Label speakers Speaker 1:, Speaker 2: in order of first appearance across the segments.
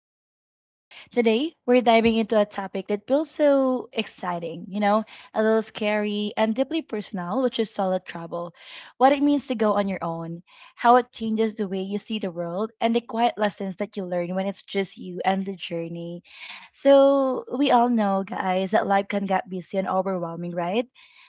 Speaker 1: Abby Vibes. Today, we're diving into a topic that feels so exciting, you know, a little scary and deeply personal, which is solo travel. What it means to go on your own, how it changes the way you see the world, and the quiet lessons that you learn when it's just you and the journey. So, we all know, guys, that life can get busy and overwhelming, right?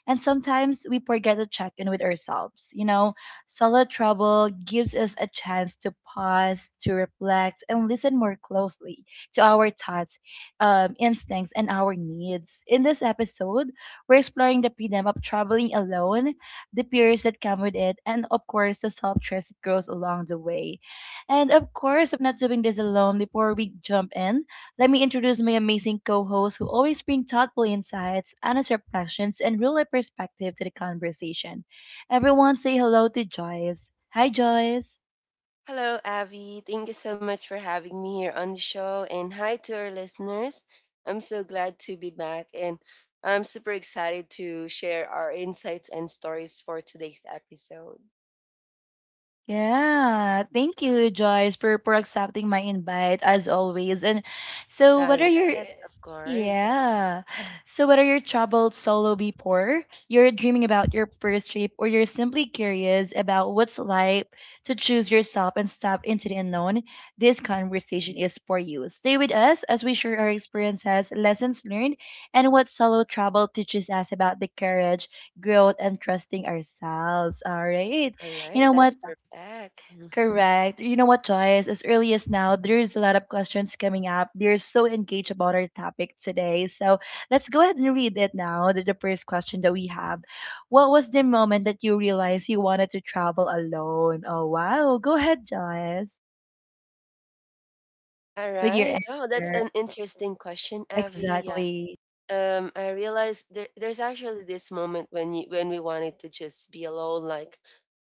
Speaker 1: And sometimes we forget to check in with ourselves, you know, solid travel gives us a chance to pause, to reflect, and listen more closely to our thoughts, instincts, and our needs. In this episode, we're exploring the freedom of traveling alone, the fears that come with it, and of course, the self trust that grows along the way. And of course, I'm not doing this alone. Before we jump in, let me introduce my amazing co hosts who always bring thoughtful insights, honest reflections, and real life perspective to the conversation. Everyone say hello to Joyce. Hi, Joyce.
Speaker 2: Hello, Avi. Thank you so much for having me here on the show. And hi to our listeners. I'm so glad to be back and I'm super excited to share our insights and stories for today's episode.
Speaker 1: Yeah, thank you, Joyce, for accepting my invite as always. And so,
Speaker 2: Ah,
Speaker 1: what are your
Speaker 2: yes, of course.
Speaker 1: yeah? So, what are your troubled solo before you're dreaming about your first trip, or you're simply curious about what's like to choose yourself and step into the unknown? This conversation is for you. Stay with us as we share our experiences, lessons learned, and what solo travel teaches us about the courage, growth, and trusting ourselves. All right.
Speaker 2: All
Speaker 1: You
Speaker 2: right,
Speaker 1: know what?
Speaker 2: that's perfect.
Speaker 1: Correct. You know what, Joyce? As early as now, there's a lot of questions coming up. They're so engaged about our topic today. So let's go ahead and read it now. The first question that we have: what was the moment that you realized you wanted to travel alone? Oh, wow. Go ahead, Joyce,
Speaker 2: All
Speaker 1: with your
Speaker 2: right. Oh, that's
Speaker 1: answer.
Speaker 2: an interesting question, Avi. Yeah.
Speaker 1: Exactly.
Speaker 2: I realized there's actually this moment when you when we wanted to just be alone, like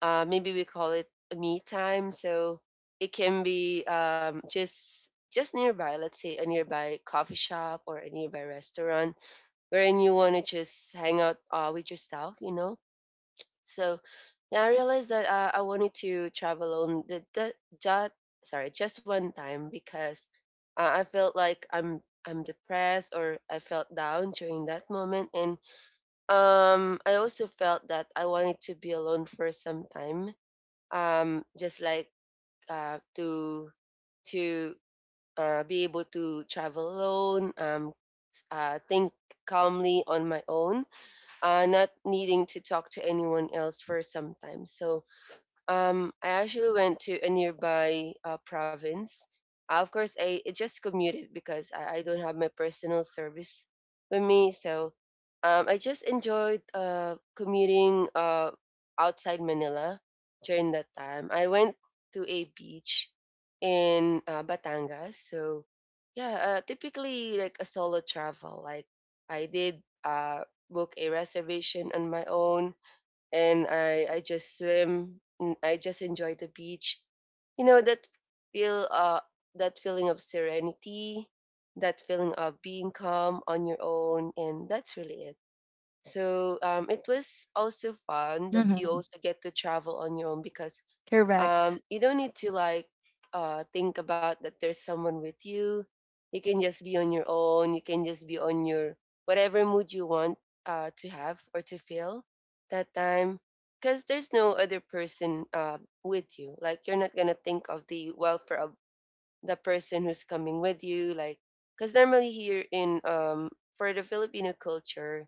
Speaker 2: maybe we call it a me time. So it can be just nearby, let's say a nearby coffee shop or a nearby restaurant wherein you want to just hang out with yourself, you know. So yeah, I realized that I wanted to travel alone. Just, just one time because I felt like I'm depressed or I felt down during that moment, and I also felt that I wanted to be alone for some time just like uh to to be able to travel alone think calmly on my own not needing to talk to anyone else for some time. So I actually went to a nearby province. Of course, I just commuted because I don't have my personal service with me. So I just enjoyed commuting outside Manila during that time. I went to a beach in Batangas. So yeah, typically like a solo travel. Like I did book a reservation on my own, and I just swim, and I just enjoy the beach. You know that feel that feeling of serenity, that feeling of being calm on your own, and that's really it. So it was also fun that you
Speaker 1: Mm-hmm.
Speaker 2: also get to travel on your own because
Speaker 1: Correct.
Speaker 2: you don't need to like think about that there's someone with you. You can just be on your own. You can just be on your whatever mood you want to have or to feel that time. Because there's no other person with you. Like you're not gonna think of the welfare of the person who's coming with you. Like because normally here in for the Filipino culture,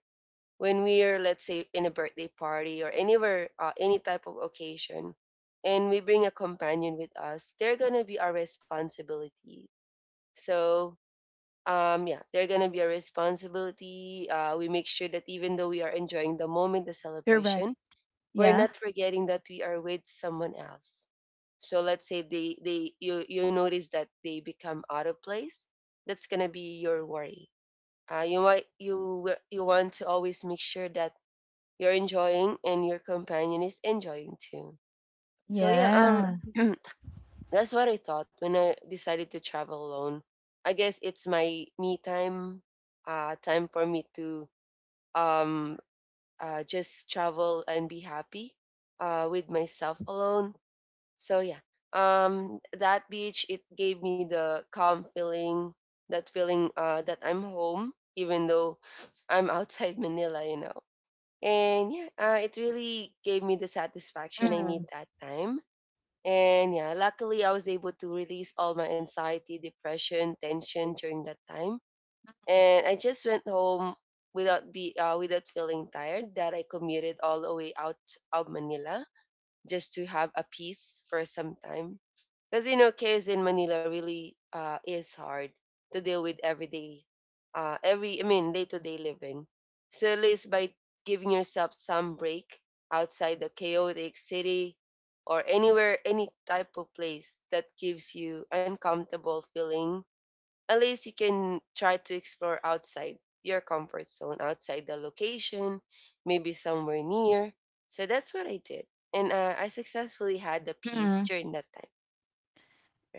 Speaker 2: when we are, let's say, in a birthday party or anywhere, any type of occasion, and we bring a companion with us, they're gonna be our responsibility. So yeah, they're gonna be our responsibility. We make sure that even though we are enjoying the moment, the
Speaker 1: Correct.
Speaker 2: celebration, we're
Speaker 1: Yeah.
Speaker 2: not forgetting that we are with someone else. So let's say they, you notice that they become out of place, that's gonna be your worry. You might, you want to always make sure that you're enjoying and your companion is enjoying too. So yeah,
Speaker 1: Yeah.
Speaker 2: that's what I thought when I decided to travel alone. I guess it's my me time, time for me to um just travel and be happy with myself alone. So yeah. Um, that beach, it gave me the calm feeling that I'm home even though I'm outside Manila, you know. And yeah, it really gave me the satisfaction I need
Speaker 1: Mm-hmm.
Speaker 2: that time. And yeah, luckily I was able to release all my anxiety, depression, tension during that time. And I just went home without feeling tired that I commuted all the way out of Manila just to have a peace for some time because, you know, kids in Manila really is hard to deal with every day, every I mean day to day living. So at least by giving yourself some break outside the chaotic city or anywhere, any type of place that gives you uncomfortable feeling, at least you can try to explore outside your comfort zone, outside the location, maybe somewhere near. So that's what I did, and I successfully had the peace
Speaker 1: Mm-hmm.
Speaker 2: during that time.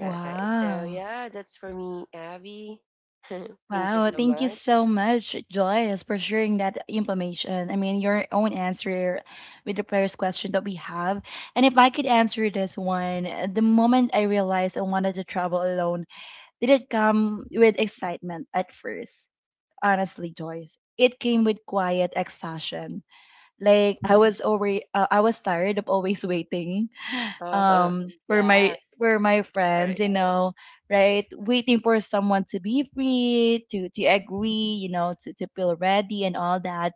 Speaker 2: Right. So yeah, that's for me, Abby. Thank you
Speaker 1: Wow,
Speaker 2: so
Speaker 1: thank you
Speaker 2: much.
Speaker 1: so much, Joyce, for sharing that information. I mean, your own answer with the previous question that we have. And if I could answer this one, the moment I realized I wanted to travel alone, did it come with excitement at first? Honestly, Joyce, it came with quiet exhaustion. Like I was I was tired of always waiting
Speaker 2: Oh,
Speaker 1: were
Speaker 2: yeah,
Speaker 1: my were my friends
Speaker 2: Eric.
Speaker 1: you know, right, waiting for someone to be free, to agree, you know, to feel ready and all that.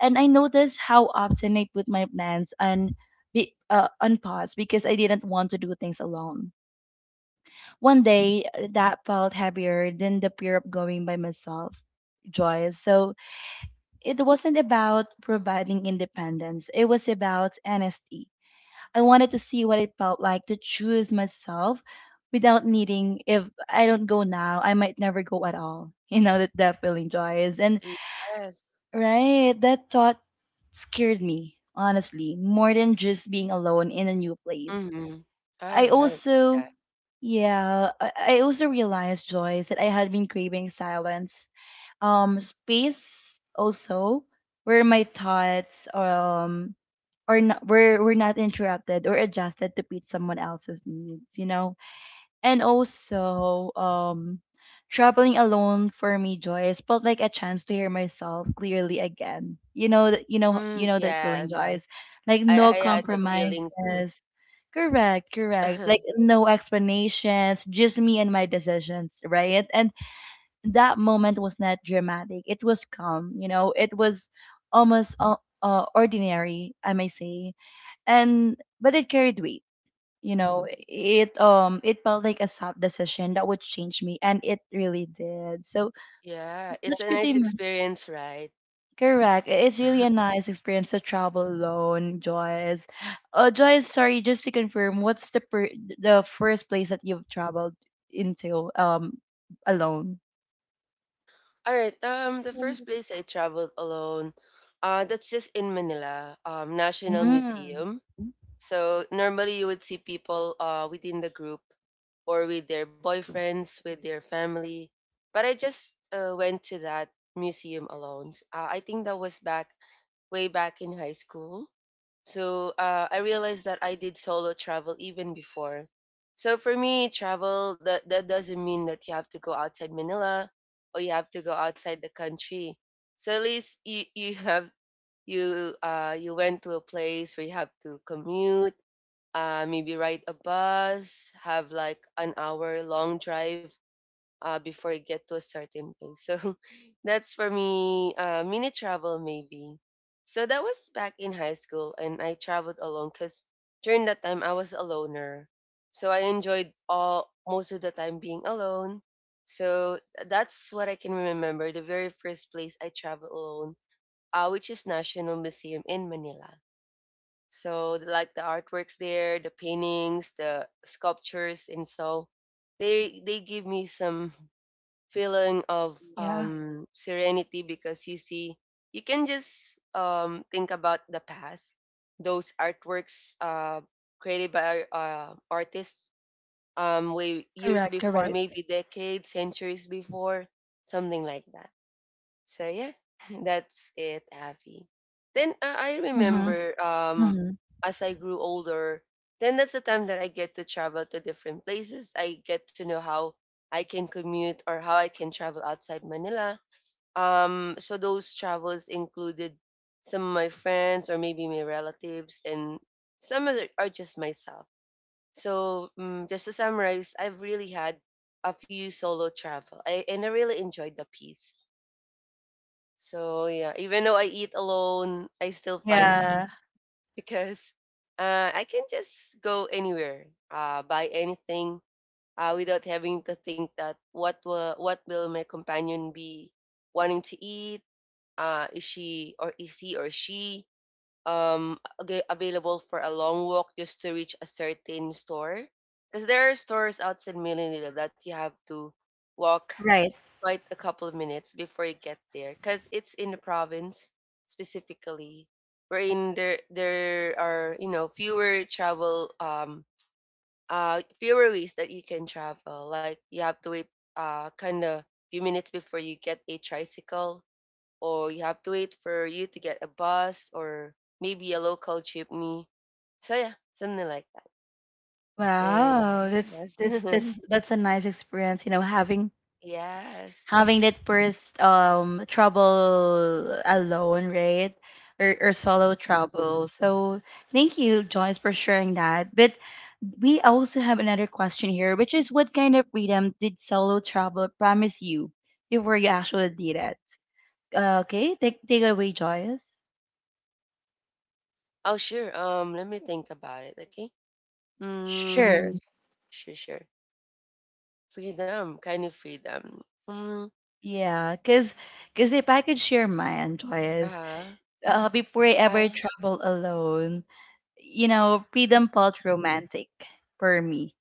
Speaker 1: And I noticed how often I put my plans on on pause because I didn't want to do things alone. One day that felt heavier than the fear of going by myself, joyous. So it wasn't about providing independence, it was about honesty. I wanted to see what it felt like to choose myself without needing if I don't go now, I might never go at all. You know that that feeling, Joyce, and
Speaker 2: Yes.
Speaker 1: right, that thought scared me, honestly, more than just being alone in a new place.
Speaker 2: Mm-hmm. All
Speaker 1: I
Speaker 2: right.
Speaker 1: also
Speaker 2: Yeah.
Speaker 1: Yeah, I also realized, Joyce, that I had been craving silence. Space also where my thoughts or not, we're not interrupted or adjusted to meet someone else's needs, you know. And also, traveling alone for me, Joyce, felt like a chance to hear myself clearly again. You know that you know
Speaker 2: Mm,
Speaker 1: that feeling,
Speaker 2: yes.
Speaker 1: Joyce. Like no
Speaker 2: I had that feeling too.
Speaker 1: compromises. Correct, correct. Like no explanations, just me and my decisions, right? And that moment was not dramatic. It was calm, you know. It was almost ordinary, I may say, and but it carried weight, you know. It it felt like a soft decision that would change me, and it really did. So
Speaker 2: Yeah, it's
Speaker 1: that's
Speaker 2: a nice
Speaker 1: pretty much
Speaker 2: experience, right?
Speaker 1: correct. I- it's really a nice experience to travel alone, Joyce. Joyce, sorry, just to confirm, what's the the first place that you've traveled into alone?
Speaker 2: All right. The first place I traveled alone, that's just in Manila, National
Speaker 1: Mm.
Speaker 2: Museum. So normally you would see people within the group or with their boyfriends, with their family. But I just went to that museum alone. I think that was back way back in high school. So I realized that I did solo travel even before. So for me, travel, that doesn't mean that you have to go outside Manila or you have to go outside the country. So at least you have, you went to a place where you have to commute, maybe ride a bus, have like an hour long drive before you get to a certain place. So that's for me, mini travel maybe. So that was back in high school, and I traveled alone because during that time I was a loner. So I enjoyed all most of the time being alone. So that's what I can remember. The very first place I traveled alone, which is National Museum in Manila. So the- like the artworks there, the paintings, the sculptures, and so they give me some feeling of
Speaker 1: Yeah.
Speaker 2: serenity because you see you can just think about the past. Those artworks created by artists way years
Speaker 1: Correct,
Speaker 2: before,
Speaker 1: correct.
Speaker 2: maybe decades, centuries before, something like that. So yeah, that's it, Avi. Then I
Speaker 1: Mm-hmm.
Speaker 2: remember
Speaker 1: Mm-hmm.
Speaker 2: as I grew older, then that's the time that I get to travel to different places. I get to know how I can commute or how I can travel outside Manila. Um, so those travels included some of my friends or maybe my relatives, and some other are just myself. So just to summarize, I've really had a few solo travel. And I really enjoyed the peace. So yeah, even though I eat alone, I still find peace
Speaker 1: Yeah.
Speaker 2: because I can just go anywhere, buy anything without having to think that what will my companion be wanting to eat? Is she, or is he or she available for a long walk just to reach a certain store? Because there are stores outside Manila that you have to walk
Speaker 1: Right.
Speaker 2: quite a couple of minutes before you get there because it's in the province specifically, wherein there are, you know, fewer travel fewer ways that you can travel. Like you have to wait uh kind of few minutes before you get a tricycle, or you have to wait for you to get a bus or maybe a local jeepney. So yeah, something like that. Eh,
Speaker 1: Wow, that's
Speaker 2: yes.
Speaker 1: that's that's that's a nice experience, you know, having
Speaker 2: Yes.
Speaker 1: that first trouble alone, right? Or solo trouble. So thank you, Joyce, for sharing that. But we also have another question here, which is what kind of freedom did solo trouble promise you before you actually did it? Okay, take it away, Joyce.
Speaker 2: Oh sure, let me think about it. Okay. Mm.
Speaker 1: Sure. Mm.
Speaker 2: Sure, sure. Freedom, kind of freedom. Mm.
Speaker 1: Yeah, cause if I could share mine, Joyce.
Speaker 2: Ah, huh.
Speaker 1: Before I
Speaker 2: I
Speaker 1: ever travel alone, you know, freedom felt romantic for me.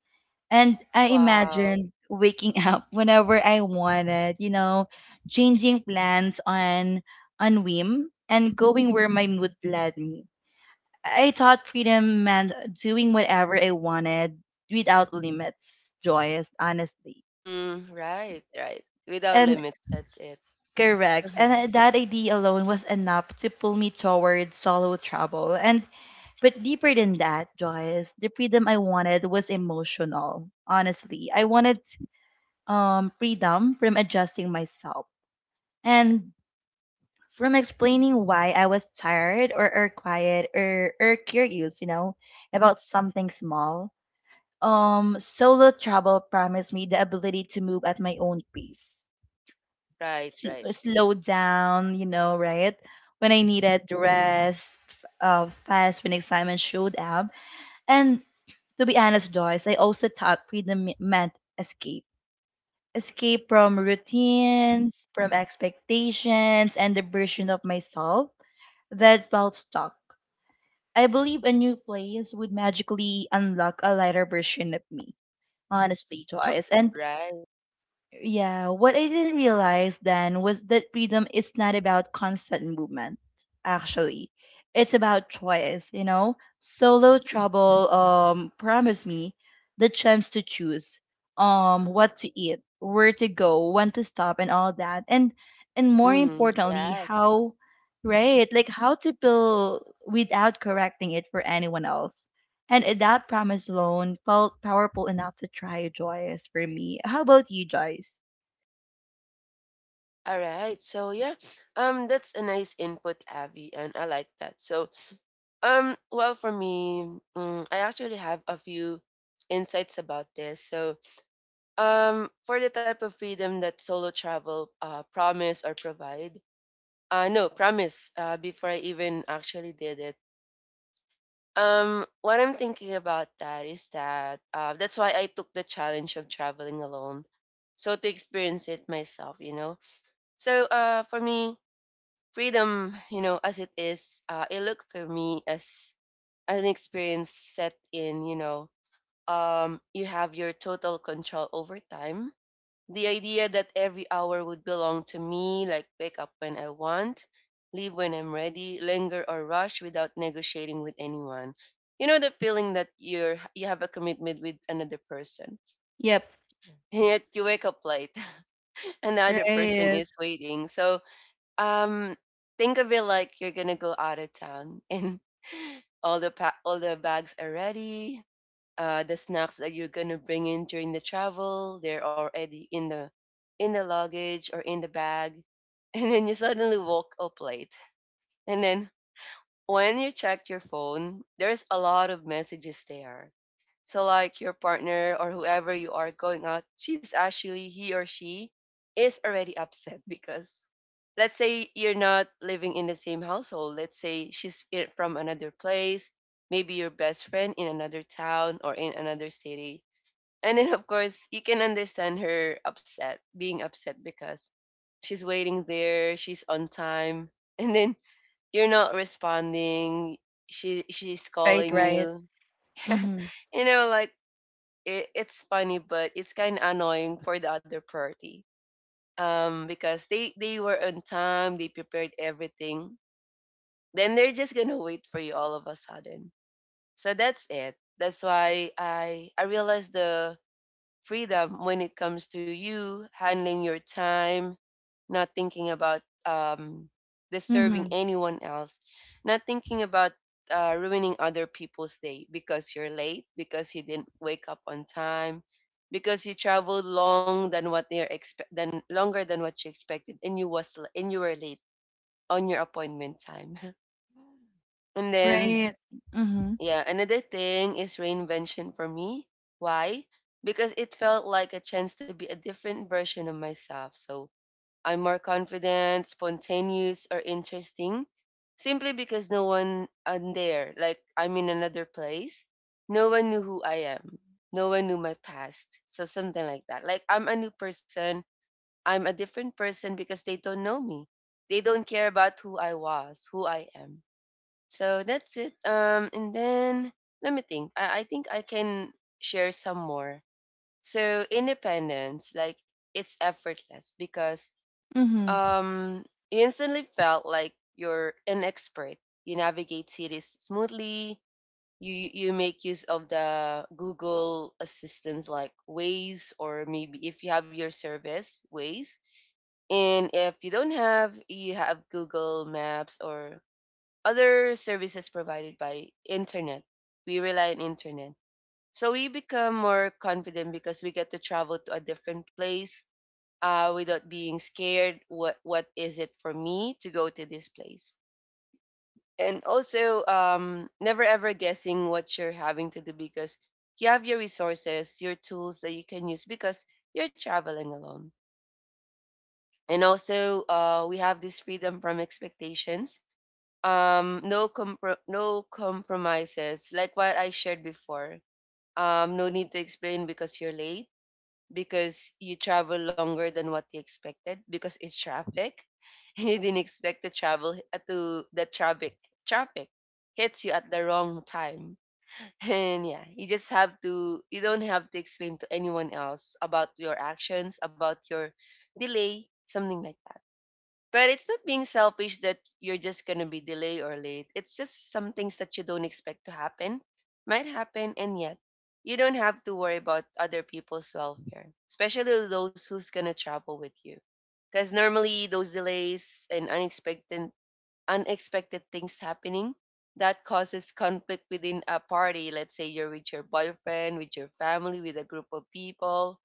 Speaker 1: And I
Speaker 2: wow.
Speaker 1: imagined waking up whenever I wanted, you know, changing plans on whim and going where my mood led me. I thought freedom meant doing whatever I wanted without limits, joyous, honestly.
Speaker 2: Mm, right, right. Without
Speaker 1: And
Speaker 2: limits, that's it.
Speaker 1: Correct.
Speaker 2: Uh,
Speaker 1: And that idea alone was enough to pull me toward solo travel. And But deeper than that, Joyce, the freedom I wanted was emotional. Honestly, I wanted freedom from adjusting myself and from explaining why I was tired, or quiet, or curious, you know, about something small. Solo travel promised me the ability to move at my own pace,
Speaker 2: right, right,
Speaker 1: slow down, you know, right? When I needed rest, fast when excitement showed up. And to be honest, Joyce, I also thought meant escape. Escape from routines, from expectations, and the version of myself that felt stuck. I believe a new place would magically unlock a lighter version of me, honestly, Joyce. And
Speaker 2: right.
Speaker 1: yeah, what I didn't realize then was that freedom is not about constant movement, actually. It's about choice, you know? Solo trouble promised me the chance to choose what to eat, where to go, when to stop, and all that. And more
Speaker 2: Mm-hmm.
Speaker 1: importantly,
Speaker 2: Yes.
Speaker 1: how right, like how to feel without correcting it for anyone else. And that promise alone felt powerful enough to try Joyce for me. How about you, Joyce?
Speaker 2: All right. So yeah, that's a nice input, Abby, and I like that. So well, for me, mm, I actually have a few insights about this. So for the type of freedom that solo travel promise or provide. No, promise, before I even actually did it. What I'm thinking about that is that that's why I took the challenge of traveling alone. So to experience it myself, you know. So for me, freedom, you know, as it is, it looked for me as an experience set in, you know, you have your total control over time. The idea that every hour would belong to me, like wake up when I want, leave when I'm ready, linger or rush without negotiating with anyone. You know the feeling that you have a commitment with another person,
Speaker 1: Yep.
Speaker 2: and yet you wake up late. Another person
Speaker 1: Right.
Speaker 2: is waiting. So um, think of it like you're gonna go out of town, and all the bags are ready, the snacks that you're gonna bring in during the travel. They're already in the luggage or in the bag, and then you suddenly woke up late. And then when you check your phone, there's a lot of messages there. So like your partner or whoever you are going out, she's actually he or she is already upset because, let's say, you're not living in the same household. Let's say from another place, maybe your best friend in another town or in another city. And then, of course, you can understand her upset, being upset because she's waiting there, she's on time, and then you're not responding. She's
Speaker 1: Right,
Speaker 2: calling
Speaker 1: right.
Speaker 2: you.
Speaker 1: Mm-hmm.
Speaker 2: Like, it's funny, but it's kind of annoying for the other party. Because they were on time, they prepared everything. Then they're just gonna wait for you all of a sudden. So that's it. That's why I realized the freedom when it comes to you handling your time, not thinking about disturbing
Speaker 1: Mm-hmm.
Speaker 2: anyone else, not thinking about ruining other people's day, because you're late, because you didn't wake up on time, because you traveled longer than what you expected, and you were late on your appointment time. And then,
Speaker 1: Right. Mm-hmm.
Speaker 2: yeah, another thing is reinvention for me. Why? Because it felt like a chance to be a different version of myself. So I'm more confident, spontaneous, or interesting simply because no one I'm there. Like I'm in another place. No one knew who I am. No one knew my past. So something like that. Like I'm a new person. I'm a different person because they don't know me. They don't care about who I was, who I am, so that's it. And then let me think. I think I can share some more. So independence, like it's effortless because
Speaker 1: Mm-hmm.
Speaker 2: um you instantly felt like you're an expert. You navigate cities smoothly. You make use of the Google assistants like Waze, or maybe if you have your service Waze. And if you don't have, you have Google Maps or other services provided by internet. We rely on internet. So we become more confident because we get to travel to a different place without being scared. What is it for me to go to this place? And also, never ever guessing what you're having to do, because you have your resources, your tools that you can use because you're traveling alone. And also, we have this freedom from expectations. No compromises, like what I shared before. No need to explain, because you're late, because you travel longer than what you expected, because it's traffic. You didn't expect to travel to the traffic. Hits you at the wrong time. And, yeah, you don't have to explain to anyone else about your actions, about your delay, something like that. But it's not being selfish that you're just gonna be delayed or late. It's just some things that you don't expect to happen, might happen, and yet you don't have to worry about other people's welfare, especially those who's gonna travel with you. Because normally those delays and unexpected things happening, that causes conflict within a party. Let's say you're with your boyfriend, with your family, with a group of people,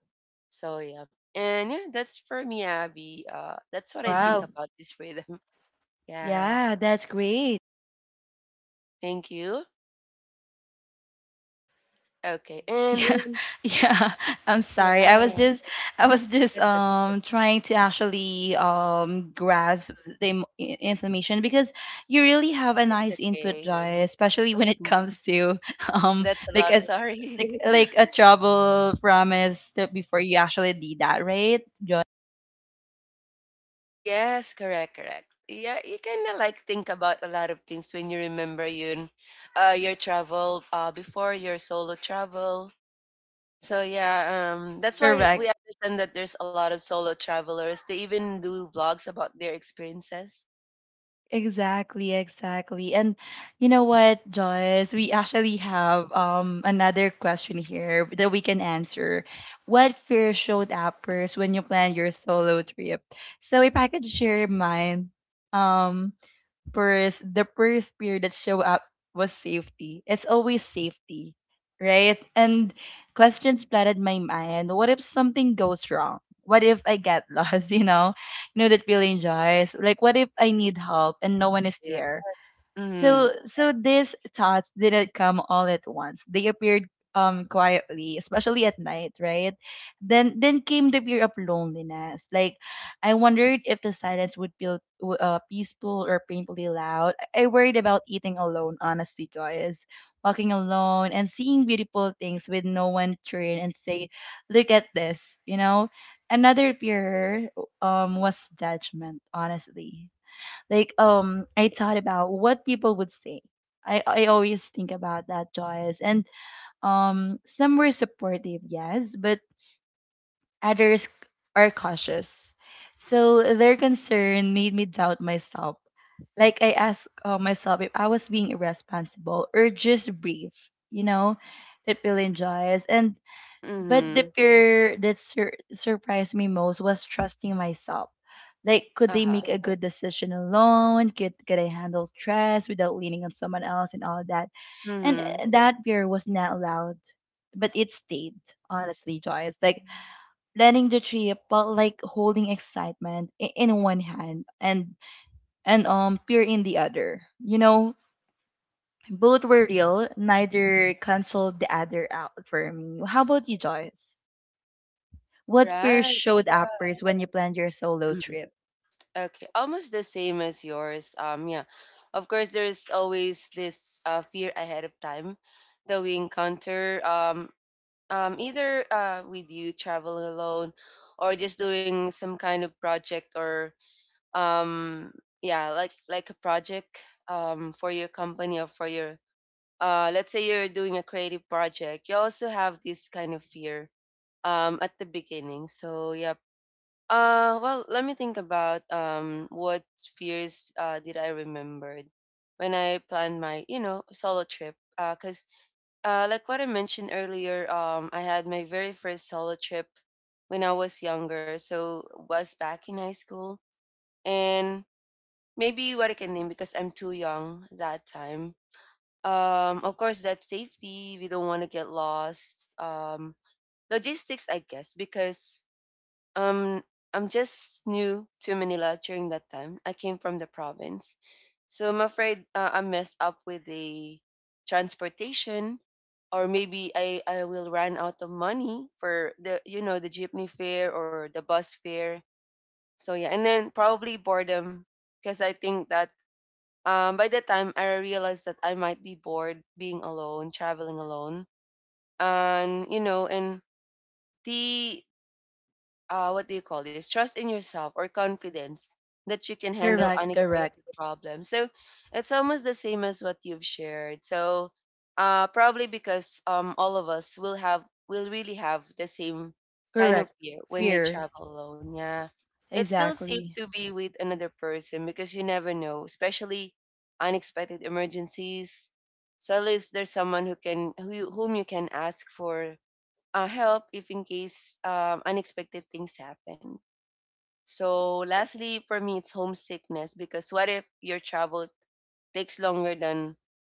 Speaker 2: so yeah. And yeah, that's for me, Abby. That's what I think
Speaker 1: Wow.
Speaker 2: about this freedom. Yeah,
Speaker 1: Yeah, that's great.
Speaker 2: thank you. Okay, and
Speaker 1: Yeah, yeah. I'm sorry.
Speaker 2: yeah,
Speaker 1: I was just
Speaker 2: it's okay.
Speaker 1: trying to actually grasp the information because you really have a
Speaker 2: It's
Speaker 1: nice input,
Speaker 2: okay.
Speaker 1: Joy, especially when it comes to um
Speaker 2: That's a
Speaker 1: like
Speaker 2: lot.
Speaker 1: a
Speaker 2: Sorry.
Speaker 1: like a trouble promise to, before you actually did that, right?
Speaker 2: Yes, correct, correct. Yeah, you kind of like think about a lot of things when you remember your travel, before your solo travel. So yeah, that's why
Speaker 1: Correct.
Speaker 2: we understand that there's a lot of solo travelers. They even do vlogs about their experiences.
Speaker 1: Exactly, exactly. And you know what, Joyce? We actually have another question here that we can answer. What fear showed up first when you planned your solo trip? So if I could share mine, um, first, the first fear that show up was safety. It's always safety, right? And questions flooded my mind. What if something goes wrong? What if I get lost? You know that feeling, Joyce. Like, what if I need help and no one is
Speaker 2: Yes.
Speaker 1: there?
Speaker 2: Mhm.
Speaker 1: So
Speaker 2: Yes.
Speaker 1: these thoughts didn't come all at once. They appeared quietly, especially at night, right? Then came the fear of loneliness. Like I wondered if the silence would feel peaceful or painfully loud. I worried about eating alone, honestly, Joyce. Walking alone and seeing beautiful things with no one turn and say, "Look at this," you know. Another fear was judgment, honestly, like I thought about what people would say. I always think about that, Joyce. And some were supportive, yes, but others are cautious. So their concern made me doubt myself. Like I asked myself if I was being irresponsible or just brief, you know, that feeling, Joyce. And but the
Speaker 2: Mhm.
Speaker 1: fear that surprised me most was trusting myself. Like, could they
Speaker 2: Uh-huh.
Speaker 1: make a good decision alone? Could I handle stress without leaning on someone else and all that? And
Speaker 2: Mhm.
Speaker 1: that fear was not loud, but it stayed, honestly, Joyce. Like, planning the trip felt like holding excitement in one hand, and fear in the other. You know, both were real, neither canceled the other out for me. How about you, Joyce?
Speaker 2: All
Speaker 1: What fears
Speaker 2: right.
Speaker 1: showed up first when you planned your solo
Speaker 2: Mhm.
Speaker 1: trip?
Speaker 2: Okay, almost the same as yours. Yeah, of course, there's always this fear ahead of time that we encounter. Either with you traveling alone, or just doing some kind of project, or um, yeah, like a project, for your company, or for your let's say you're doing a creative project, you also have this kind of fear at the beginning. So, yeah. Well, let me think about what fears did I remembered when I planned my, you know, solo trip. Because, like what I mentioned earlier, I had my very first solo trip when I was younger. So, was back in high school. And maybe what I can name, because I'm too young that time, of course, that's safety. We don't want to get lost. Logistics, I guess, because um I'm just new to Manila during that time. I came from the province. So I'm afraid I messed up with the transportation, or maybe I will run out of money for, the you know, the jeepney fare or the bus fare. So yeah, and then probably boredom, because I think that, by the time I realized that I might be bored being alone, traveling alone, and, you know, and the what do you call this? Trust in yourself, or confidence that you can handle
Speaker 1: Correct, correct,
Speaker 2: unexpected problems. So it's almost the same as what you've shared. So probably because, all of us will really have the same kind of
Speaker 1: correct.
Speaker 2: fear when they
Speaker 1: Fear.
Speaker 2: travel alone. Yeah, it's still safe
Speaker 1: Exactly.
Speaker 2: to be with another person because you never know, especially unexpected emergencies. So at least there's someone who you, whom you can ask for help if in case unexpected things happen. So, lastly, for me, it's homesickness, because what if your travel takes longer than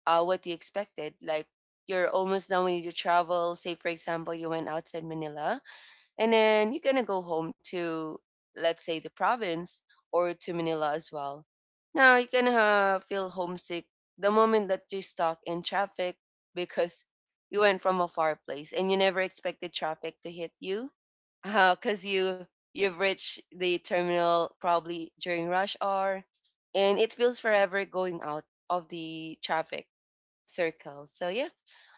Speaker 2: what you expected? Like, you're almost done when you travel. Say, for example, you went outside Manila and then you're gonna go home to, let's say, the province, or to Manila as well. Now you're gonna feel homesick the moment that you're stuck in traffic, because you went from a far place and you never expected traffic to hit you. Because you've reached the terminal probably during rush hour, and it feels forever going out of the traffic circle. So yeah.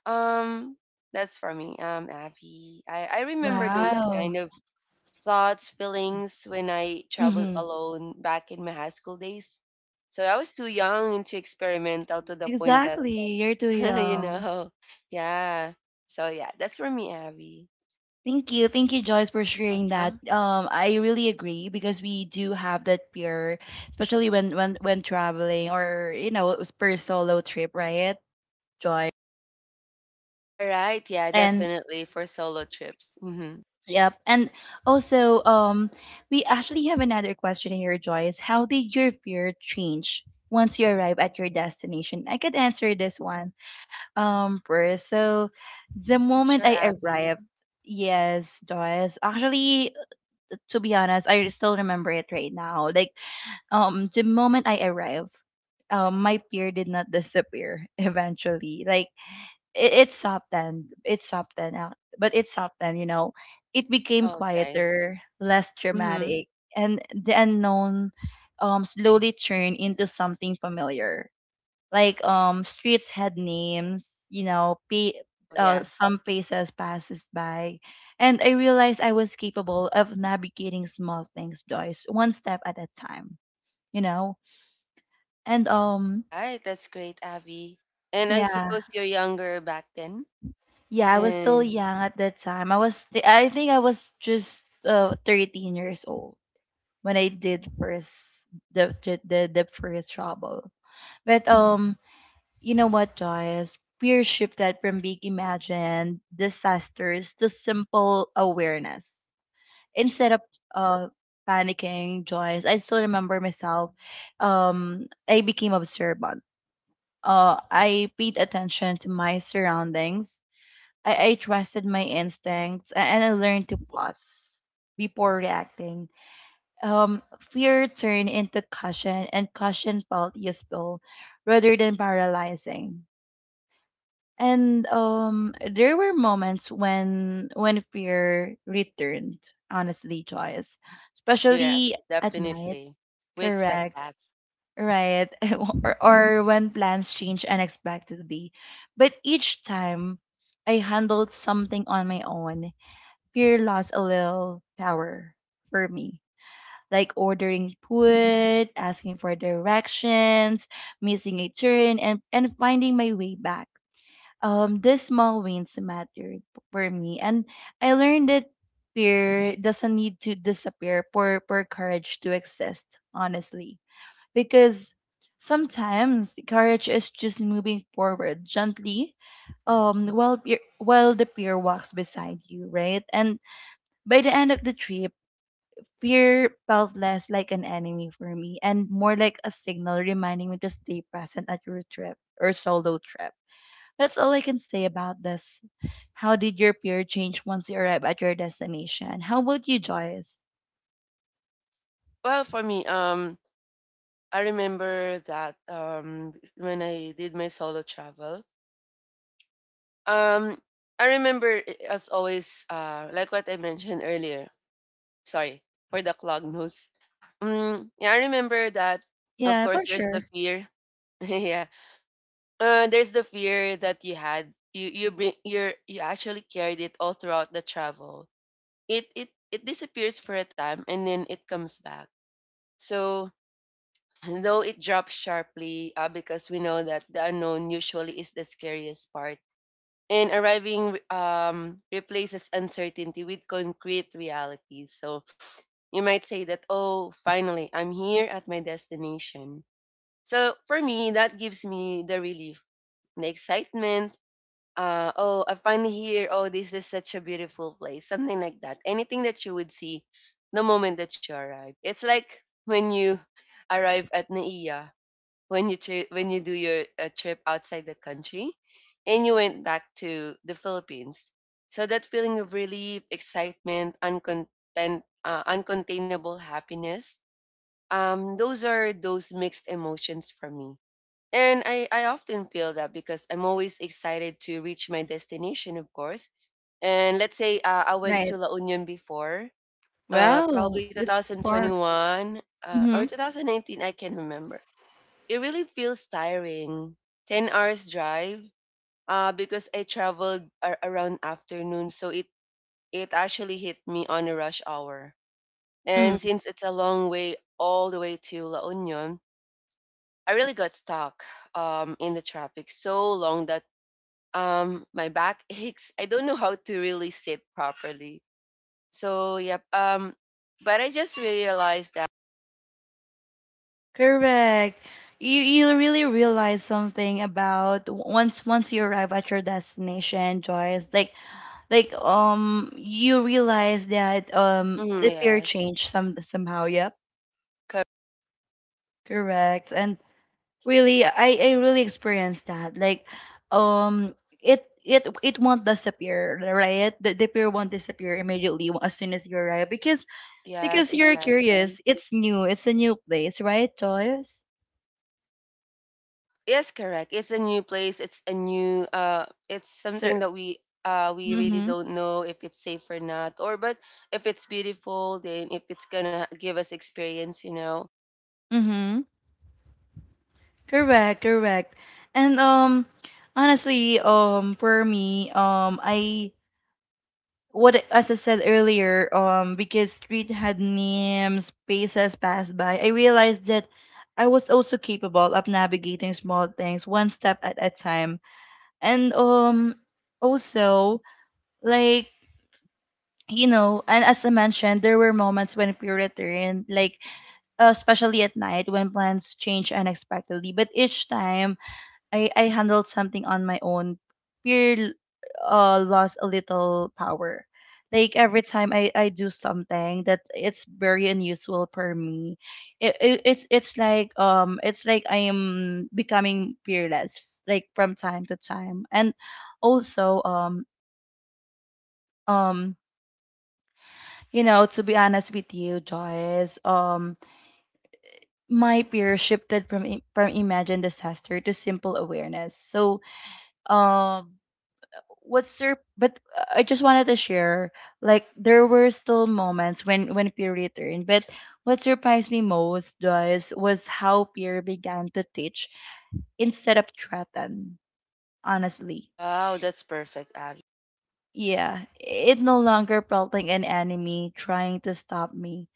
Speaker 2: um that's for me. Avi, I remember those
Speaker 1: Wow.
Speaker 2: kind of thoughts, feelings when I traveled
Speaker 1: Mm-hmm.
Speaker 2: alone back in my high school days. So I was too young and too experimental to the point that,
Speaker 1: Exactly. You're too
Speaker 2: you
Speaker 1: young.
Speaker 2: know, yeah. So yeah, that's for me, Abby.
Speaker 1: Thank you. Thank you, Joyce, for sharing that.
Speaker 2: Welcome.
Speaker 1: I really agree because we do have that fear, especially when when traveling, or you know, it's per solo trip, right?
Speaker 2: All right. Yeah,
Speaker 1: And
Speaker 2: definitely for solo trips. Hmm.
Speaker 1: yep. And also, we actually have another question here, Joyce. How did your fear change once you arrive at your destination? I could answer this one. First. So the moment
Speaker 2: Sure,
Speaker 1: I
Speaker 2: Abby.
Speaker 1: arrived, yes, Joyce. Actually, to be honest, I still remember it right now. Like, the moment I arrived, my fear did not disappear eventually. Like it's softened. Then. It's up out. But it's softened, you know. It became
Speaker 2: Oh, okay.
Speaker 1: quieter, less
Speaker 2: Mm-hmm.
Speaker 1: dramatic, and the unknown slowly turned into something familiar. Like streets had names, you know,
Speaker 2: Oh, yeah.
Speaker 1: some faces passes by. And I realized I was capable of navigating small things, Joyce, one step at a time, you know? And
Speaker 2: Right. That's great, Abby. And I
Speaker 1: yeah.
Speaker 2: suppose you're younger back then.
Speaker 1: Yeah, I was still
Speaker 2: And
Speaker 1: young at that time. I think I was just 13 years old when I did first the first trouble. But You know what, Joyce? Fear shifted from big imagined disasters to simple awareness. Instead of uh panicking, Joyce, I still remember myself. I became observant. I paid attention to my surroundings. I trusted my instincts and I learned to pause before reacting. Fear turned into caution, and caution felt useful rather than paralyzing. And There were moments when fear returned. Honestly, Joyce, especially
Speaker 2: yes,
Speaker 1: at night.
Speaker 2: definitely. We expect
Speaker 1: Correct.
Speaker 2: that.
Speaker 1: Right. Or when plans change unexpectedly. But each time, I handled something on my own, fear lost a little power for me. Like ordering food, asking for directions, missing a turn, and finding my way back. These small wins mattered for me, and I learned that fear doesn't need to disappear for courage to exist, honestly. Because sometimes courage is just moving forward gently while while the fear walks beside you, right? And by the end of the trip, fear felt less like an enemy for me and more like a signal reminding me to stay present at your trip or solo trip. That's all I can say about this. How did your fear change once you arrived at your destination? How about you, Joyce?
Speaker 2: Well, for me, I remember that, when I did my solo travel, um, as always, like what I mentioned earlier. Sorry for the clog nose. Mm, yeah, I remember that. Of
Speaker 1: Yeah,
Speaker 2: course,
Speaker 1: for
Speaker 2: there's the
Speaker 1: sure.
Speaker 2: fear. Yeah, there's the fear that you had. You actually carried it all throughout the travel. It disappears for a time and then it comes back. So Though it drops sharply, because we know that the unknown usually is the scariest part. And arriving replaces uncertainty with concrete realities. So you might say that, oh, finally, I'm here at my destination. So for me, that gives me the relief, the excitement. Oh, I'm finally here. Oh, this is such a beautiful place. Something like that. Anything that you would see the moment that you arrive. It's like when you arrive at Naiya, when you do your trip outside the country and you went back to the Philippines. So that feeling of relief, excitement, uncontainable happiness, those are those mixed emotions for me. And I often feel that because I'm always excited to reach my destination, of course. And let's say I went to
Speaker 1: Right.
Speaker 2: La Union before,
Speaker 1: Wow,
Speaker 2: probably
Speaker 1: it's spark.
Speaker 2: 2021, or
Speaker 1: Mm-hmm.
Speaker 2: 2019, I can remember it really feels tiring. 10 hours drive, because I traveled around afternoon. So it actually hit me on a rush hour. And
Speaker 1: Mm.
Speaker 2: since it's a long way all the way to La Union, I really got stuck, in the traffic so long that, my back aches. I don't know how to really sit properly. So, yep. But I just realized that.
Speaker 1: Correct. You really realize something about w- once once you arrive at your destination, Joyce. Like you realize that the
Speaker 2: Mm,
Speaker 1: peer
Speaker 2: yes.
Speaker 1: changed some somehow, yep,
Speaker 2: cor-
Speaker 1: correct. And really I really experienced that, like um it won't disappear, right? The fear won't disappear immediately as soon as you arrive,
Speaker 2: Yes,
Speaker 1: because you're
Speaker 2: exactly.
Speaker 1: curious, it's new, it's a new place, right, Joyce?
Speaker 2: Yes, correct. It's a new place. It's a new It's something
Speaker 1: Sir.
Speaker 2: that we really
Speaker 1: Mm-hmm.
Speaker 2: don't know if it's safe or not, or but if it's beautiful, then if it's gonna give us experience.
Speaker 1: Mm-hmm. Correct, correct. And honestly, for me, I what as I said earlier, because street had names, paces passed by, I realized that I was also capable of navigating small things one step at a time. And Also, like, you know, and as I mentioned, there were moments when fear returned, like especially at night when plans change unexpectedly. But each time I handled something on my own. Fear lost a little power. Like every time I do something that it's very unusual for me, it's like it's like I am becoming fearless, like from time to time. And also um you know, to be honest with you, Joyce, my fear shifted from from imagined disaster to simple awareness. So um but I just wanted to share, like there were still moments when Pierre returned, but what surprised me most was how Pierre began to teach instead of threaten. Honestly,
Speaker 2: Wow, that's perfect, Abby.
Speaker 1: yeah, it no longer felt like an enemy trying to stop me.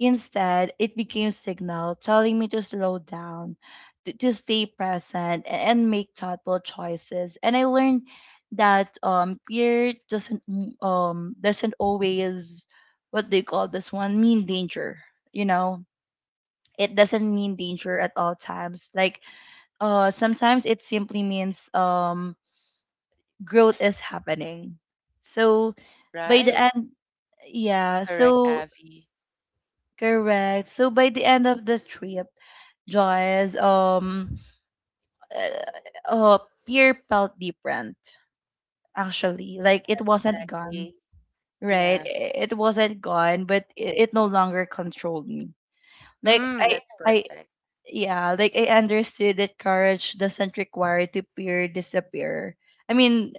Speaker 1: Instead, it became signal telling me to slow down, to stay present, and make thoughtful choices. And I learned that fear doesn't always, what they call this one, mean danger. You know, it doesn't mean danger at all times. Like sometimes it simply means growth is happening. So by the
Speaker 2: Right?
Speaker 1: end, yeah.
Speaker 2: Correct,
Speaker 1: So
Speaker 2: Abby.
Speaker 1: correct. So by the end of the trip, Joyce, uh, uh, beer felt different, actually. Like it
Speaker 2: Yes,
Speaker 1: wasn't gone,
Speaker 2: exactly.
Speaker 1: right?
Speaker 2: Yeah.
Speaker 1: It wasn't gone, but it no longer controlled me. Like
Speaker 2: Mm, that's perfect.
Speaker 1: yeah, like I understood that courage doesn't require to peer disappear. I mean,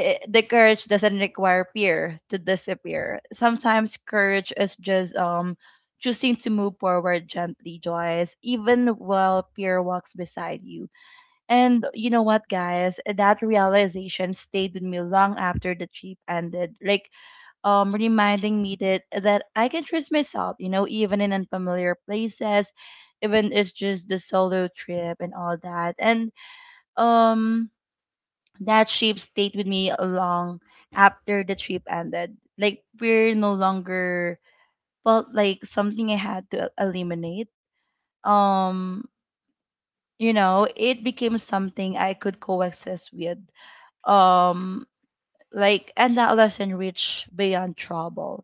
Speaker 1: I the courage doesn't require fear to disappear. Sometimes courage is just choosing to move forward gently, Joyce, even while fear walks beside you. And you know what, guys? That realization stayed with me long after the trip ended. Like reminding me that I can trust myself, you know, even in unfamiliar places, even it's just the solo trip and all that. And um that trip stayed with me long after the trip ended. Like we're no longer felt like something I had to eliminate. Um, you know, it became something I could coexist with. Um, like, and that lesson reached beyond trouble.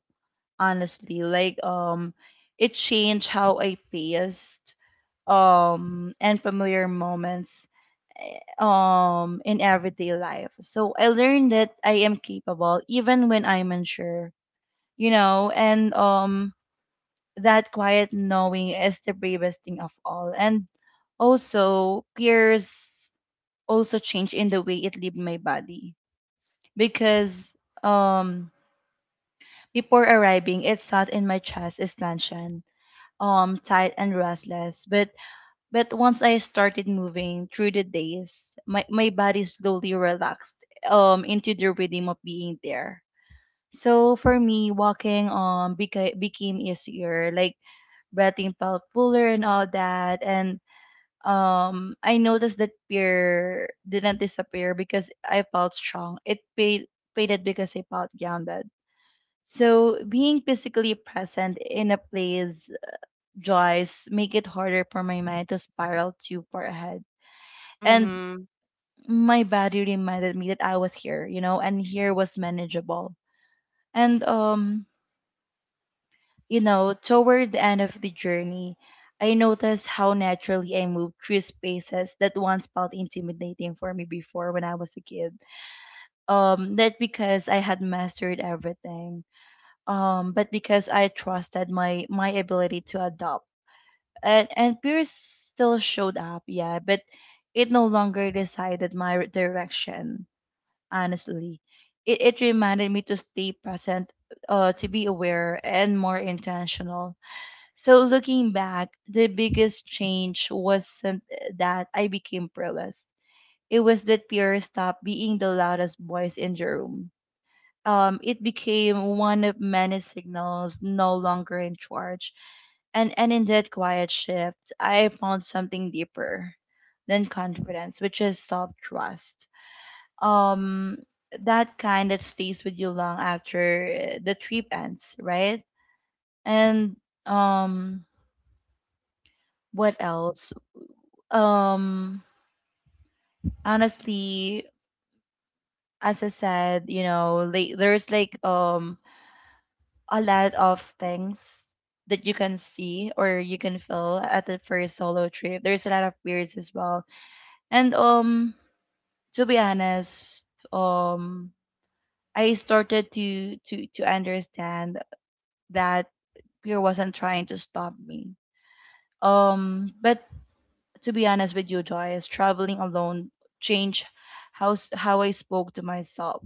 Speaker 1: Honestly, like it changed how I faced and familiar moments in everyday life. So I learned that I am capable even when I'm unsure, you know, and that quiet knowing is the bravest thing of all. And also peers also change in the way it leave my body because um before arriving it sat in my chest expansion, tight and restless, but once I started moving through the days, my body slowly relaxed into the rhythm of being there. So for me, walking became easier, like breathing felt fuller and all that. And I noticed that fear didn't disappear because I felt strong. It paid faded because I felt grounded. So being physically present in a place, joys, make it harder for my mind to spiral too far ahead, and
Speaker 2: Mm-hmm.
Speaker 1: my body reminded me that I was here, you know, and here was manageable. And You know, toward the end of the journey, I noticed how naturally I moved through spaces that once felt intimidating for me before when I was a kid. Not because I had mastered everything, but because I trusted my my ability to adapt. And fear still showed up, yeah, but it no longer decided my direction, honestly. It reminded me to stay present, to be aware, and more intentional. So, looking back, the biggest change wasn't that I became prayerless. It was that fear stopped being the loudest voice in the room. It became one of many signals no longer in charge. And in that quiet shift, I found something deeper than confidence, which is self trust, um that kind that stays with you long after the trip ends, right? And um what else? Um Honestly, as I said, you know, like there's like a lot of things that you can see or you can feel at the first solo trip. There's a lot of fears as well. And To be honest, um I started to understand that Pure wasn't trying to stop me. But to be honest with you, Joyce, traveling alone changed how I spoke to myself.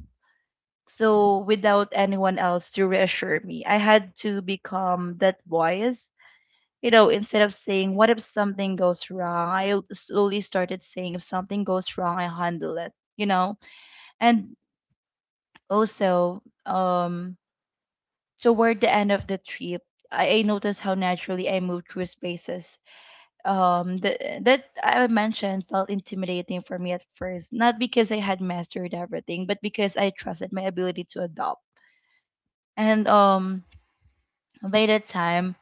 Speaker 1: So without anyone else to reassure me, I had to become that voice. You know, instead of saying "What if something goes wrong," I slowly started saying "If something goes wrong, I handle it." You know, and also, toward the end of the trip, I noticed how naturally I moved through spaces that I mentioned felt intimidating for me at first, not because I had mastered everything, but because I trusted my ability to adopt. And By the time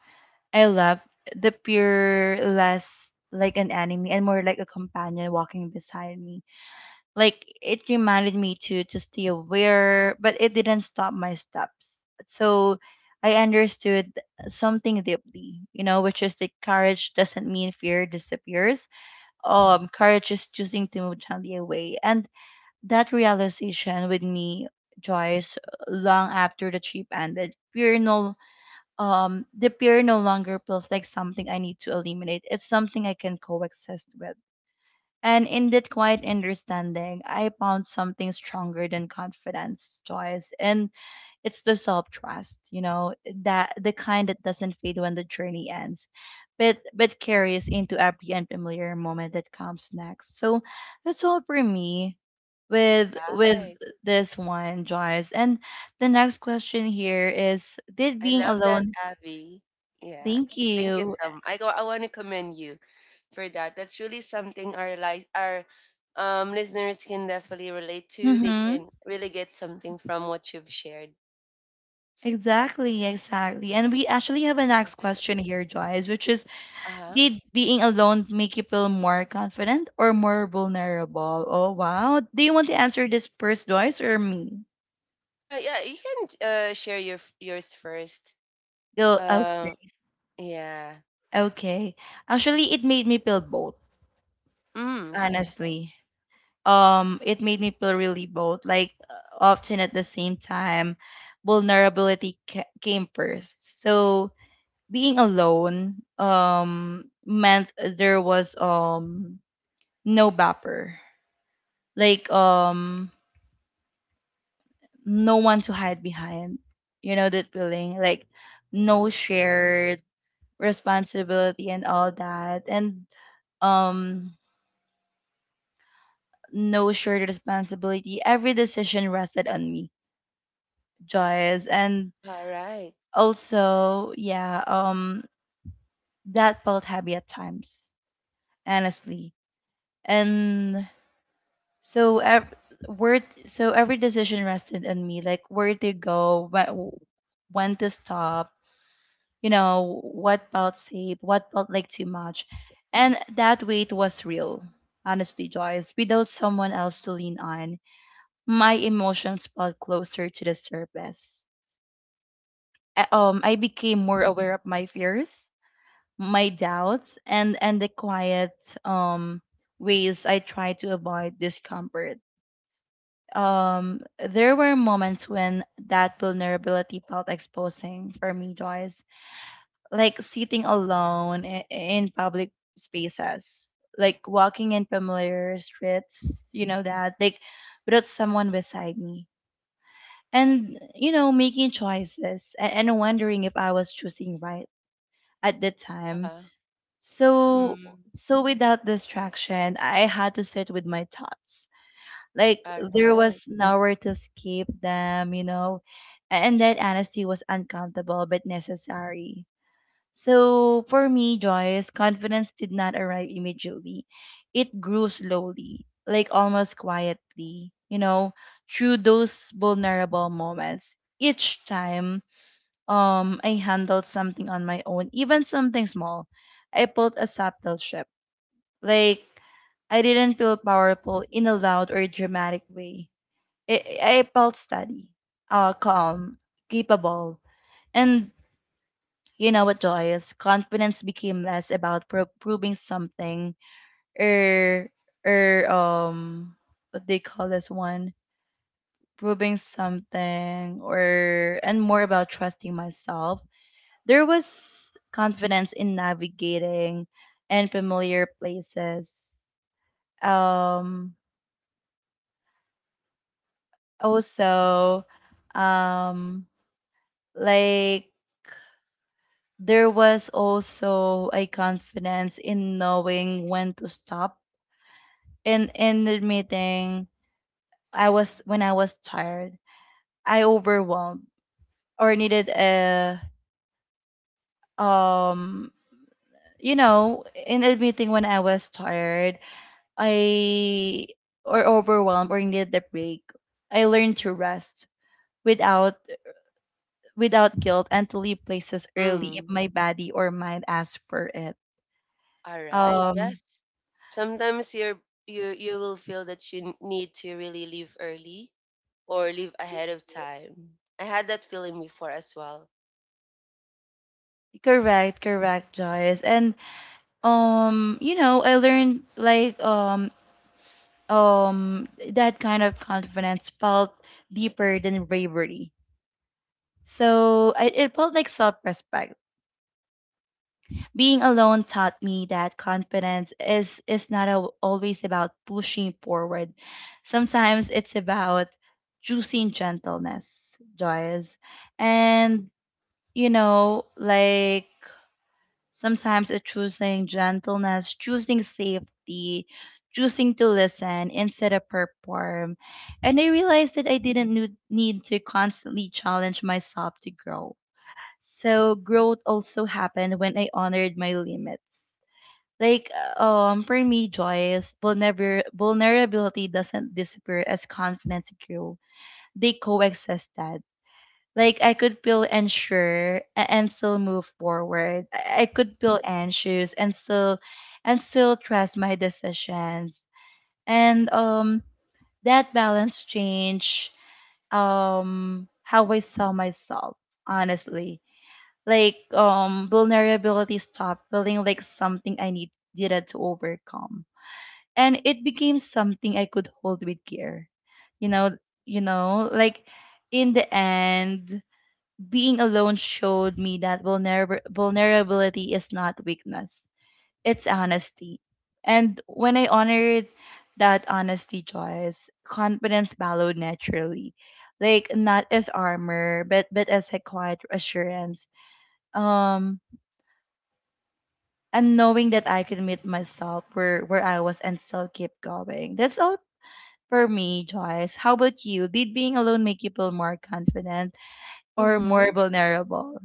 Speaker 1: I left, the peer less like an enemy and more like a companion walking beside me. Like it reminded me to stay aware, but it didn't stop my steps. So I understood something deeply, you know, which is the courage doesn't mean fear disappears, courage is choosing to move gently away. And that realization with me, Joyce, long after the trip ended, fear no the fear no longer feels like something I need to eliminate. It's something I can coexist with. And in that quiet understanding, I found something stronger than confidence, Joyce. And it's the self trust, you know, that the kind that doesn't fade when the journey ends, but carries into every unfamiliar moment that comes next. So that's all for me
Speaker 2: All
Speaker 1: with
Speaker 2: right.
Speaker 1: this one, Joyce. And the next question here is did
Speaker 2: I
Speaker 1: being
Speaker 2: love that,
Speaker 1: alone
Speaker 2: Abby. Yeah.
Speaker 1: thank
Speaker 2: Thank you
Speaker 1: you.
Speaker 2: so much. I wanna commend you for that. That's really something our listeners can definitely relate to. They
Speaker 1: Mm-hmm.
Speaker 2: can really get something from what you've shared.
Speaker 1: Exactly, exactly. And we actually have a next
Speaker 2: Right?
Speaker 1: question here, Joyce, which is:
Speaker 2: Uh-huh.
Speaker 1: did being alone make you feel more confident or more vulnerable? Oh, wow. Do you want to answer this first, Joyce, or me?
Speaker 2: Yeah, you can share your yours first.
Speaker 1: Oh,
Speaker 2: Uh
Speaker 1: okay.
Speaker 2: yeah.
Speaker 1: Okay. Actually, it made me feel both,
Speaker 2: Mm, okay.
Speaker 1: honestly. It made me feel really both, like often at the same time, vulnerability ca came first. So being alone, meant there was no buffer. Like no one to hide behind. You know that feeling, like no shared responsibility and all that, and um, no shared responsibility. Every decision rested on me, Joyce, and
Speaker 2: All right.
Speaker 1: also yeah, that felt heavy at times, honestly, and so ev- so every decision rested on me, like where to go, when to stop, you know, what felt safe, what felt like too much. And that weight was real, honestly, Joyce. Without someone else to lean on, my emotions felt closer to the surface. I became more aware of my fears, my doubts, and the quiet um, ways I tried to avoid discomfort. Um, there were moments when that vulnerability felt exposing for me, Joyce, like sitting alone in public spaces, like walking in familiar streets, you know, that, like without someone beside me. And, you know, making choices and wondering if I was choosing right at the time.
Speaker 2: Uh-huh.
Speaker 1: So,
Speaker 2: Mm,
Speaker 1: so without distraction, I had to sit with my thoughts. Like
Speaker 2: all
Speaker 1: there
Speaker 2: right.
Speaker 1: was nowhere to escape them, you know, and that honesty was uncomfortable but necessary. So for me, Joyce, confidence did not arrive immediately. It grew slowly, like almost quietly, you know, through those vulnerable moments. Each time I handled something on my own, even something small, I felt a subtle shift. Like I didn't feel powerful in a loud or dramatic way. I, I felt steady, calm, capable, and you know what, Joyce? Confidence became less about proving something, or or um, what they call this one, proving something, or and more about trusting myself. There was confidence in navigating and familiar places. Um, Also, um, like there was also a confidence in knowing when to stop in the meeting I was when I was tired I overwhelmed or needed a um you know, in a meeting when I was tired, I or overwhelmed or needed a break, I learned to rest without without guilt and to leave places early if
Speaker 2: Mm,
Speaker 1: my body or mind asks for it.
Speaker 2: all right.
Speaker 1: um
Speaker 2: Yes. Sometimes you will feel that you need to really leave early, or leave ahead of time. I had that feeling before as well.
Speaker 1: Correct, correct, Joyce. And you know, I learned, um that kind of confidence felt deeper than bravery. It felt like self-respect. Being alone taught me that confidence is not al always about pushing forward. Sometimes it's about choosing gentleness, Joyce. And you know, like sometimes it's choosing gentleness, choosing safety, choosing to listen instead of perform. And I realized that I didn't need to constantly challenge myself to grow. So growth also happened when I honored my limits. Like for me, Joyce, vulnerability doesn't disappear as confidence grew. They coexisted. Like I could feel unsure and still move forward. I could feel anxious and still trust my decisions. And that balance changed how I saw myself, honestly. Vulnerability stopped feeling like something I needed to overcome. And it became something I could hold with care. You know, like in the end, being alone showed me that vulnerability is not weakness, it's honesty. And when I honored that honesty, Joyce, confidence followed naturally. Like not as armor, but as a quiet assurance. Um and knowing that I could meet myself where I was and still keep going. That's all for me, Joyce. How about you? Did being alone make you feel more confident or more
Speaker 2: Mm-hmm.
Speaker 1: vulnerable?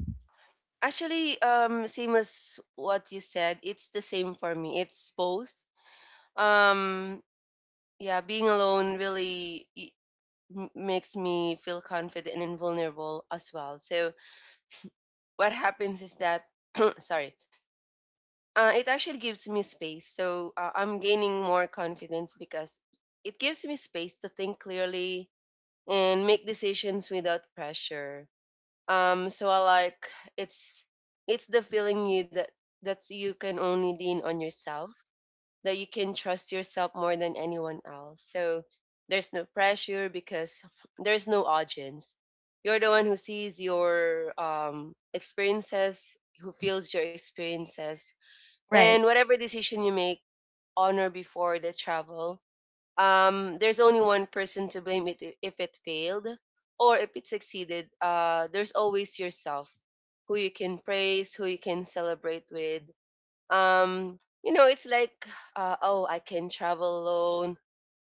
Speaker 2: Actually, same as what you said, it's the same for me. It's both. Um, yeah, being alone really makes me feel confident and vulnerable as well. So what happens is that, sorry, it actually gives me space. So I'm gaining more confidence because it gives me space to think clearly and make decisions without pressure. So I like it's it's the feeling you that that's you can only lean on yourself, that you can trust yourself more than anyone else. So there's no pressure because there's no audience. You're the one who sees your experiences, who feels your experiences, and
Speaker 1: Right.
Speaker 2: whatever decision you make, honor before the travel, there's only one person to blame if it failed or if it succeeded. There's always yourself who you can praise, who you can celebrate with. It's like, oh, I can travel alone.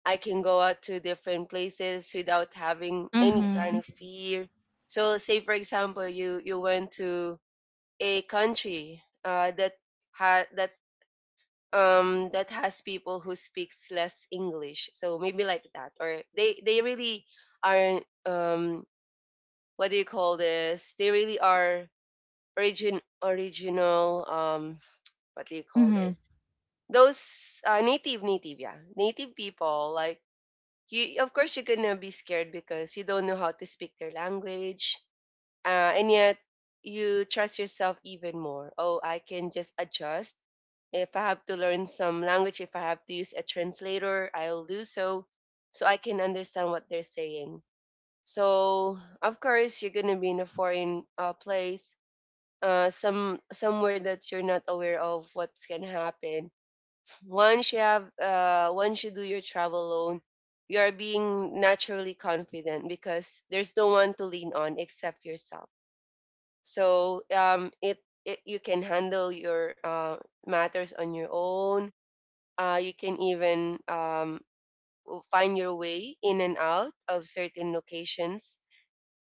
Speaker 2: I can go out to different places without having any kind
Speaker 1: Mm-hmm.
Speaker 2: of fear. So, say for example, you went to a country that had that that has people who speaks less english, so maybe like that. Or they really aren't, what do you call this they really are original, what do you call
Speaker 1: Mm-hmm.
Speaker 2: this those native native yeah, native people. Like you, of course you're gonna be scared because you don't know how to speak their language. And yet you trust yourself even more. Oh, I can just adjust. If I have to learn some language, if I have to use a translator, I'll do so so I can understand what they're saying. So, of course, you're going to be in a foreign place, somewhere that you're not aware of what's going to happen. Once you once you do your travel alone, you are being naturally confident because there's no one to lean on except yourself. So it you can handle your matters on your own. You can even find your way in and out of certain locations,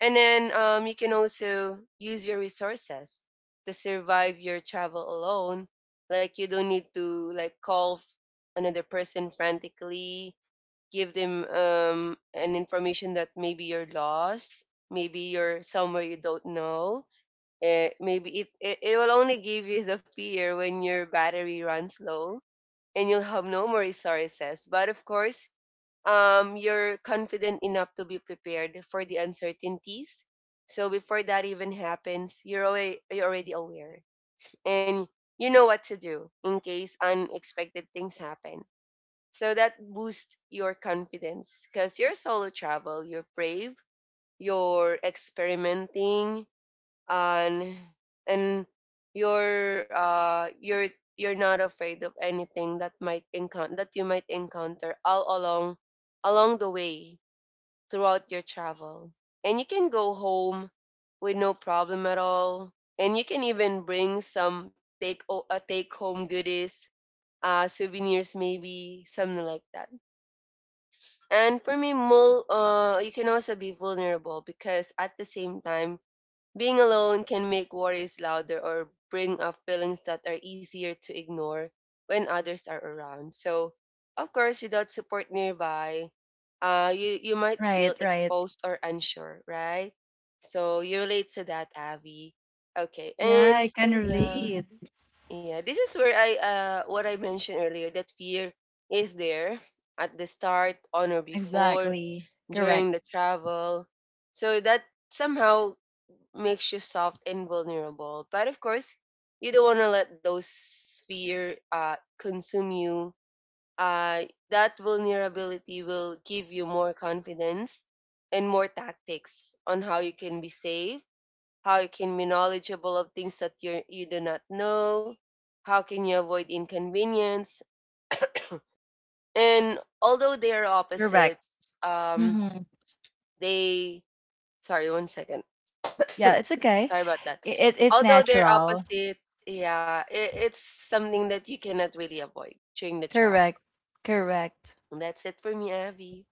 Speaker 2: and then you can also use your resources to survive your travel alone. Like you don't need to like another person frantically, give them an information that maybe you're lost, maybe you're somewhere you don't know. Maybe it will only give you the fear when your battery runs low and you'll have no more resources. But of course, you're confident enough to be prepared for the uncertainties. So before that even happens, you're already aware and you know what to do in case unexpected things happen. So that boosts your confidence because you're solo travel, you're brave, you're experimenting. And and you're you're not afraid of anything that might encounter that you might encounter all along, along the way, throughout your travel. And you can go home with no problem at all, and you can even bring some take home goodies, souvenirs, maybe something like that. And for me, you can also be vulnerable because at the same time being alone can make worries louder or bring up feelings that are easier to ignore when others are around. So, of course, without support nearby, you might feel
Speaker 1: Right, right.
Speaker 2: exposed or unsure, right? So, you relate to that, Avi. Okay.
Speaker 1: Yeah, I
Speaker 2: And
Speaker 1: can
Speaker 2: yeah,
Speaker 1: relate.
Speaker 2: yeah, this is where what I mentioned earlier that fear is there at the start, on or before,
Speaker 1: Exactly. Correct.
Speaker 2: during the travel. So, that somehow makes you soft and vulnerable. But of course, you don't want to let those fear consume you. Uh, that vulnerability will give you more confidence and more tactics on how you can be safe, how you can be knowledgeable of things that you do not know, how can you avoid inconvenience. And although they are
Speaker 1: Correct.
Speaker 2: opposites, um,
Speaker 1: Mm-hmm.
Speaker 2: they Sorry, one second.
Speaker 1: Yeah, it's okay.
Speaker 2: Sorry about that.
Speaker 1: It's
Speaker 2: Although they're
Speaker 1: natural.
Speaker 2: opposite, it's something that you cannot really avoid during the travel.
Speaker 1: Correct. Correct.
Speaker 2: That's it for me, Abby.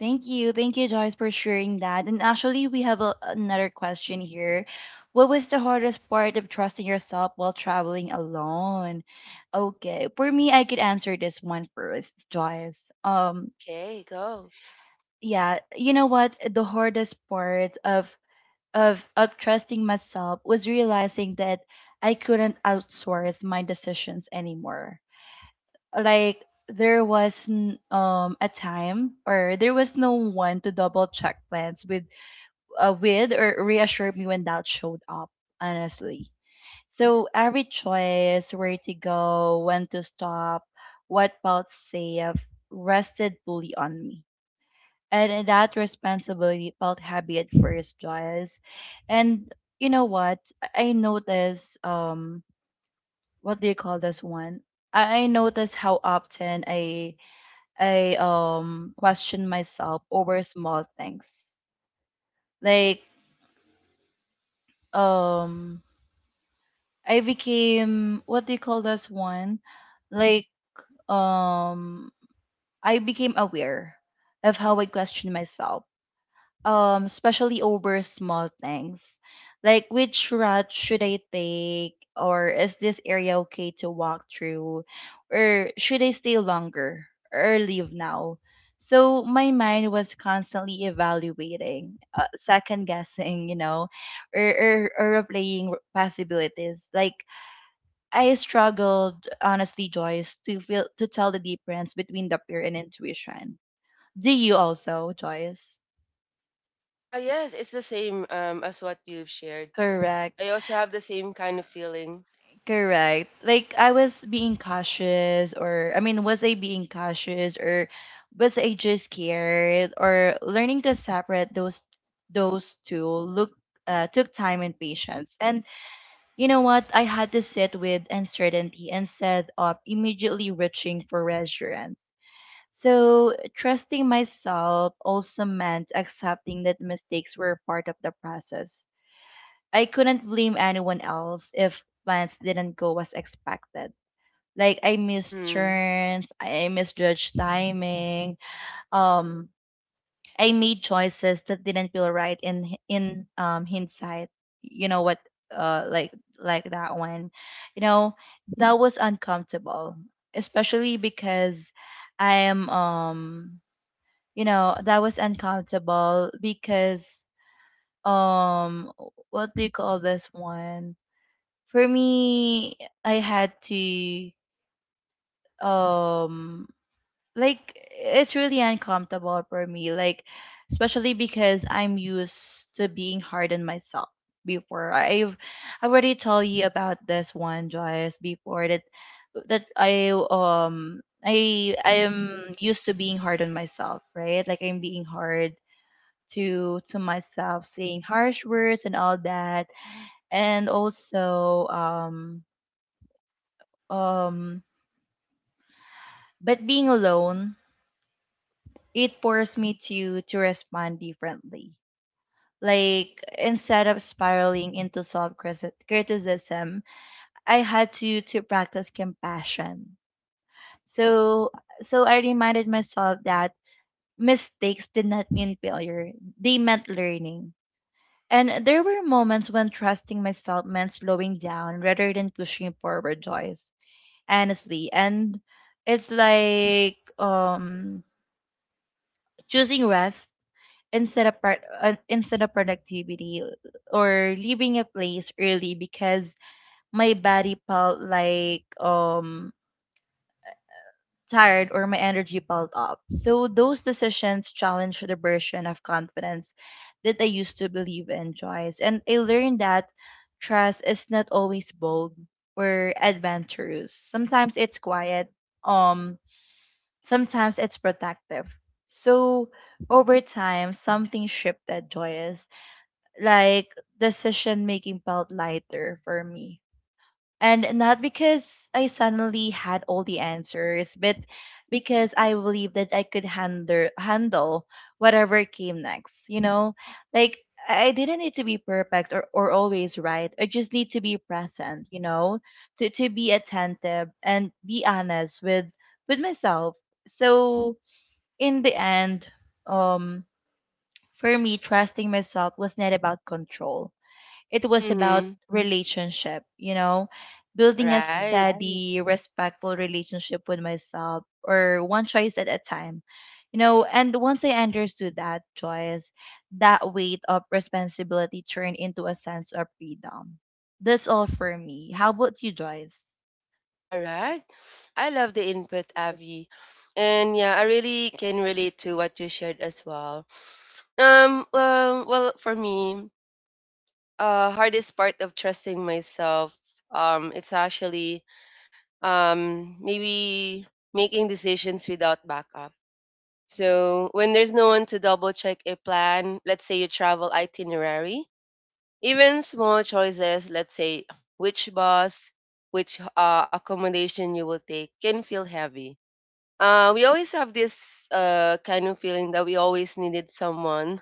Speaker 1: Thank you. Thank you, Joyce, for sharing that. And actually, we have a, another question here. What was the hardest part of trusting yourself while traveling alone? Okay, for me, I could answer this one first, Joyce.
Speaker 2: Okay, go.
Speaker 1: Yeah, you know what? The hardest part of trusting myself was realizing that I couldn't outsource my decisions anymore. Like there was a time, or there was no one to double check plans with with, or reassure me when doubt showed up, honestly. So every choice, where to go, when to stop, what felt safe, rested fully on me, and that responsibility felt heavy at first, Joyce. And you know what? I noticed what do you call this one? I noticed how often I question myself over small things. Like um I became what do you call this one? Like um I became aware of how I question myself, especially over small things, like which route should I take, or is this area okay to walk through, or should I stay longer or leave now. So my mind was constantly evaluating, second guessing, you know, or replaying possibilities. I struggled, honestly, Joyce, to tell the difference between the fear and intuition. Do you also, Joyce?
Speaker 2: Yes, it's the same as what you've shared.
Speaker 1: Correct.
Speaker 2: I also have the same kind of feeling.
Speaker 1: Correct. Like I was being cautious, or I mean, was I being cautious, or was I just scared? Or learning to separate those two look, took time and patience. And you know what? I had to sit with uncertainty instead of immediately reaching for reassurance. So trusting myself also meant accepting that mistakes were part of the process. I couldn't blame anyone else if plans didn't go as expected. Like I missed
Speaker 2: Mm-hmm.
Speaker 1: turns, I misjudged timing. Um, I made choices that didn't feel right in hindsight. You know what? Uh, like like that one. You know, that was uncomfortable, especially because I am you know that was uncomfortable because um what do you call this one? For me, I had to um like, it's really uncomfortable for me, like especially because I'm used to being hard on myself. Before I've I already told you about this one, Joyce, before, that I am used to being hard on myself, right? Like I'm being hard to myself, saying harsh words and all that. And also um but being alone, it forced me to respond differently. Like, instead of spiraling into self-criticism, I had to practice compassion. So so I reminded myself that mistakes did not mean failure, they meant learning. And there were moments when trusting myself meant slowing down rather than pushing forward, Joyce, honestly. And it's choosing rest instead of part instead of productivity, or leaving a place early because my body felt tired, or my energy felt up. So those decisions challenge the version of confidence that I used to believe in, Joyce. And I learned that trust is not always bold or adventurous. Sometimes it's quiet. um Sometimes it's protective. So over time, something shifted, Joyous. Like decision making felt lighter for me. And not because I suddenly had all the answers, but because I believed that I could handle whatever came next. You know, like I didn't need to be perfect, or always right. I just need to be present, you know, to be attentive and be honest with myself. So in the end, um, for me, trusting myself was not about control. It was about
Speaker 2: Mm-hmm.
Speaker 1: relationship, you know, building a right,
Speaker 2: Right.
Speaker 1: steady, respectful relationship with myself, or one choice at a time. You know, and once I understood that choice, that weight of responsibility turned into a sense of freedom. That's all for me. How about you, Joyce?
Speaker 2: All right. I love the input, Avi. And yeah, I really can relate to what you shared as well. Well, for me, hardest part of trusting myself, it's actually, maybe, making decisions without backup. So when there's no one to double check a plan, let's say your travel itinerary, even small choices, let's say which bus, which accommodation you will take, can feel heavy. We always have this kind of feeling that we always needed someone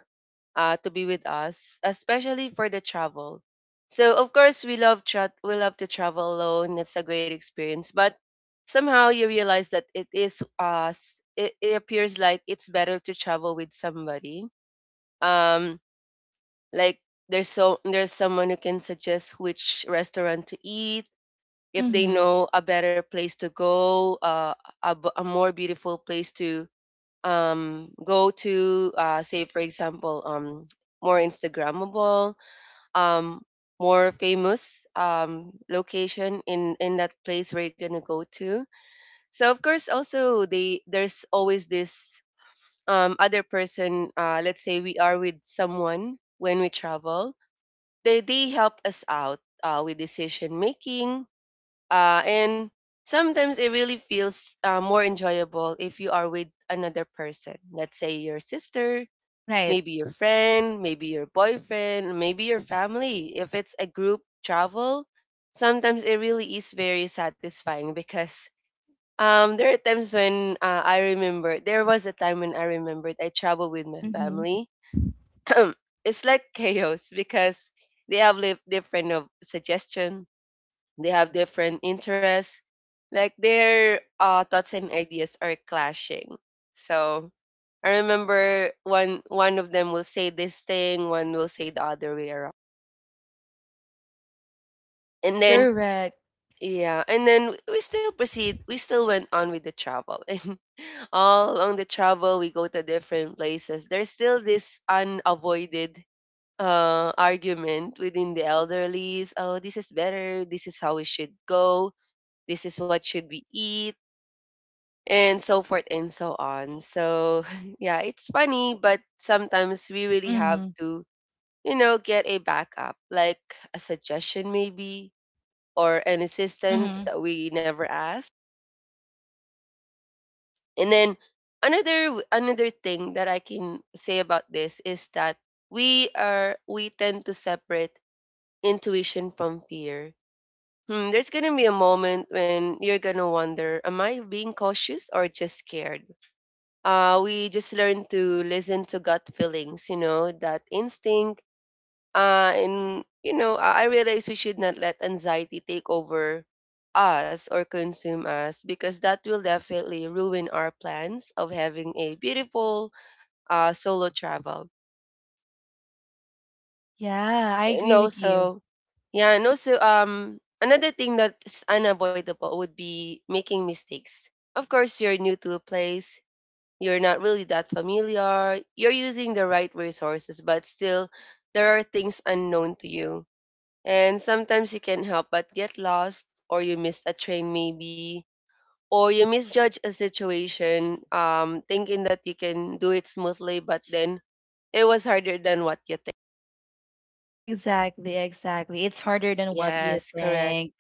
Speaker 2: to be with us, especially for the travel. So of course we love we love to travel alone. It's a great experience, but somehow you realize that it is us. It appears like it's better to travel with somebody. Um, like there's someone who can suggest which restaurant to eat if they
Speaker 1: Mm-hmm.
Speaker 2: know a better place to go, a a more beautiful place to go to. Say for example, more instagrammable, um more famous location in that place where you're gonna go to. So of course also they there's always this other person. Let's say we are with someone when we travel, they help us out with decision making. And sometimes it really feels more enjoyable if you are with another person. Let's say your sister,
Speaker 1: Right.
Speaker 2: maybe your friend, maybe your boyfriend, maybe your family. If it's a group travel, sometimes it really is very satisfying because there are times when there was a time when I remembered I traveled with my
Speaker 1: Mm-hmm.
Speaker 2: family. It's like chaos because they have different of suggestion, they have different interests. Like their thoughts and ideas are clashing. So I remember one of them will say this thing, one will say the other way around. And then
Speaker 1: Correct.
Speaker 2: yeah, and then we still proceed. We still went on with the travel. And all along the travel, we go to different places. There's still this unavoided argument within the elderlies. Oh, this is better. This is how we should go. This is what should we eat and so forth and so on. So, yeah, it's funny, but sometimes we really have
Speaker 1: Mm-hmm.
Speaker 2: to, you know, get a backup, like a suggestion maybe or an assistance that we never asked. And then another thing that I can say about this is that we tend to separate intuition from fear. Hmm, there's gonna be a moment when you're gonna wonder, am I being cautious or just scared? We just learn to listen to gut feelings, you know, that instinct. And, you know, I realize we should not let anxiety take over us or consume us because that will definitely ruin our plans of having a beautiful solo travel.
Speaker 1: Yeah, I
Speaker 2: And
Speaker 1: agree with you.
Speaker 2: also, yeah, and also, another thing that's unavoidable would be making mistakes. Of course, you're new to a place, you're not really that familiar, you're using the right resources, but still there are things unknown to you. And sometimes you can't help but get lost, or you miss a train maybe, or you misjudge a situation, thinking that you can do it smoothly, but then it was harder than what you think.
Speaker 1: Exactly, exactly. It's harder than what you
Speaker 2: Yes, correct.
Speaker 1: think.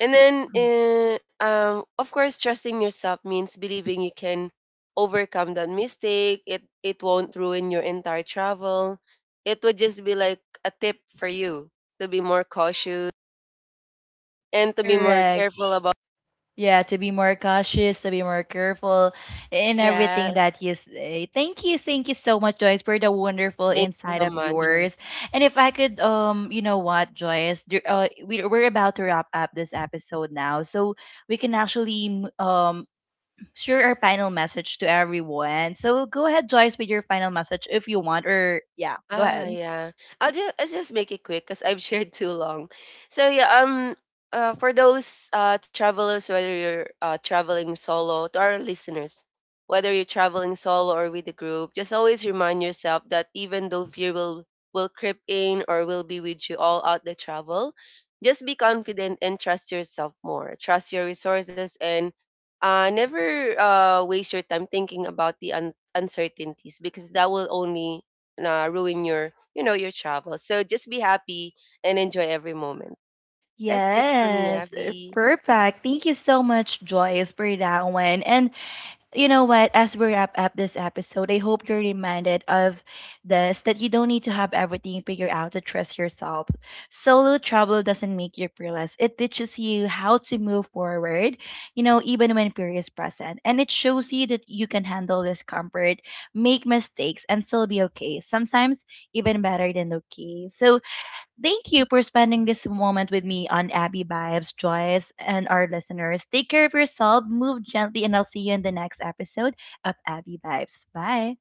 Speaker 2: And then,
Speaker 1: Mhm.
Speaker 2: of course, trusting yourself means believing you can overcome that mistake. It won't ruin your entire travel. It would just be like a tip for you to be more cautious and to be more
Speaker 1: Correct.
Speaker 2: careful about.
Speaker 1: Yeah, to be more cautious, to be more careful in everything
Speaker 2: Yes,
Speaker 1: that you say. Thank you so much, Joyce, for the wonderful
Speaker 2: thank
Speaker 1: insight
Speaker 2: you so
Speaker 1: of
Speaker 2: much.
Speaker 1: yours. And if I could, you know what, Joyce, we're about to wrap up this episode now, so we can actually share our final message to everyone. So go ahead, Joyce, with your final message if you want, or yeah, go
Speaker 2: Ah,
Speaker 1: ahead.
Speaker 2: yeah. I'll just make it quick because I've shared too long. So yeah, for those travelers, whether you're traveling solo, to our listeners, whether you're traveling solo or with a group, just always remind yourself that even though fear will creep in or will be with you all out the travel, just be confident and trust yourself more. Trust your resources and never waste your time thinking about the uncertainties because that will only ruin your, you know, your travel. So just be happy and enjoy every moment. That's it for me,
Speaker 1: Yes,
Speaker 2: Abby.
Speaker 1: perfect. Thank you so much, Joyce, for that one. And you know what? As we wrap up this episode, I hope you're reminded of this, that you don't need to have everything figured out to trust yourself. Solo travel doesn't make you fearless, it teaches you how to move forward, you know, even when fear is present. And it shows you that you can handle discomfort, make mistakes, and still be okay. Sometimes even better than okay. So, thank you for spending this moment with me on Abby Vibes, Joyce, and our listeners. Take care of yourself, move gently, and I'll see you in the next episode of Abby Vibes. Bye.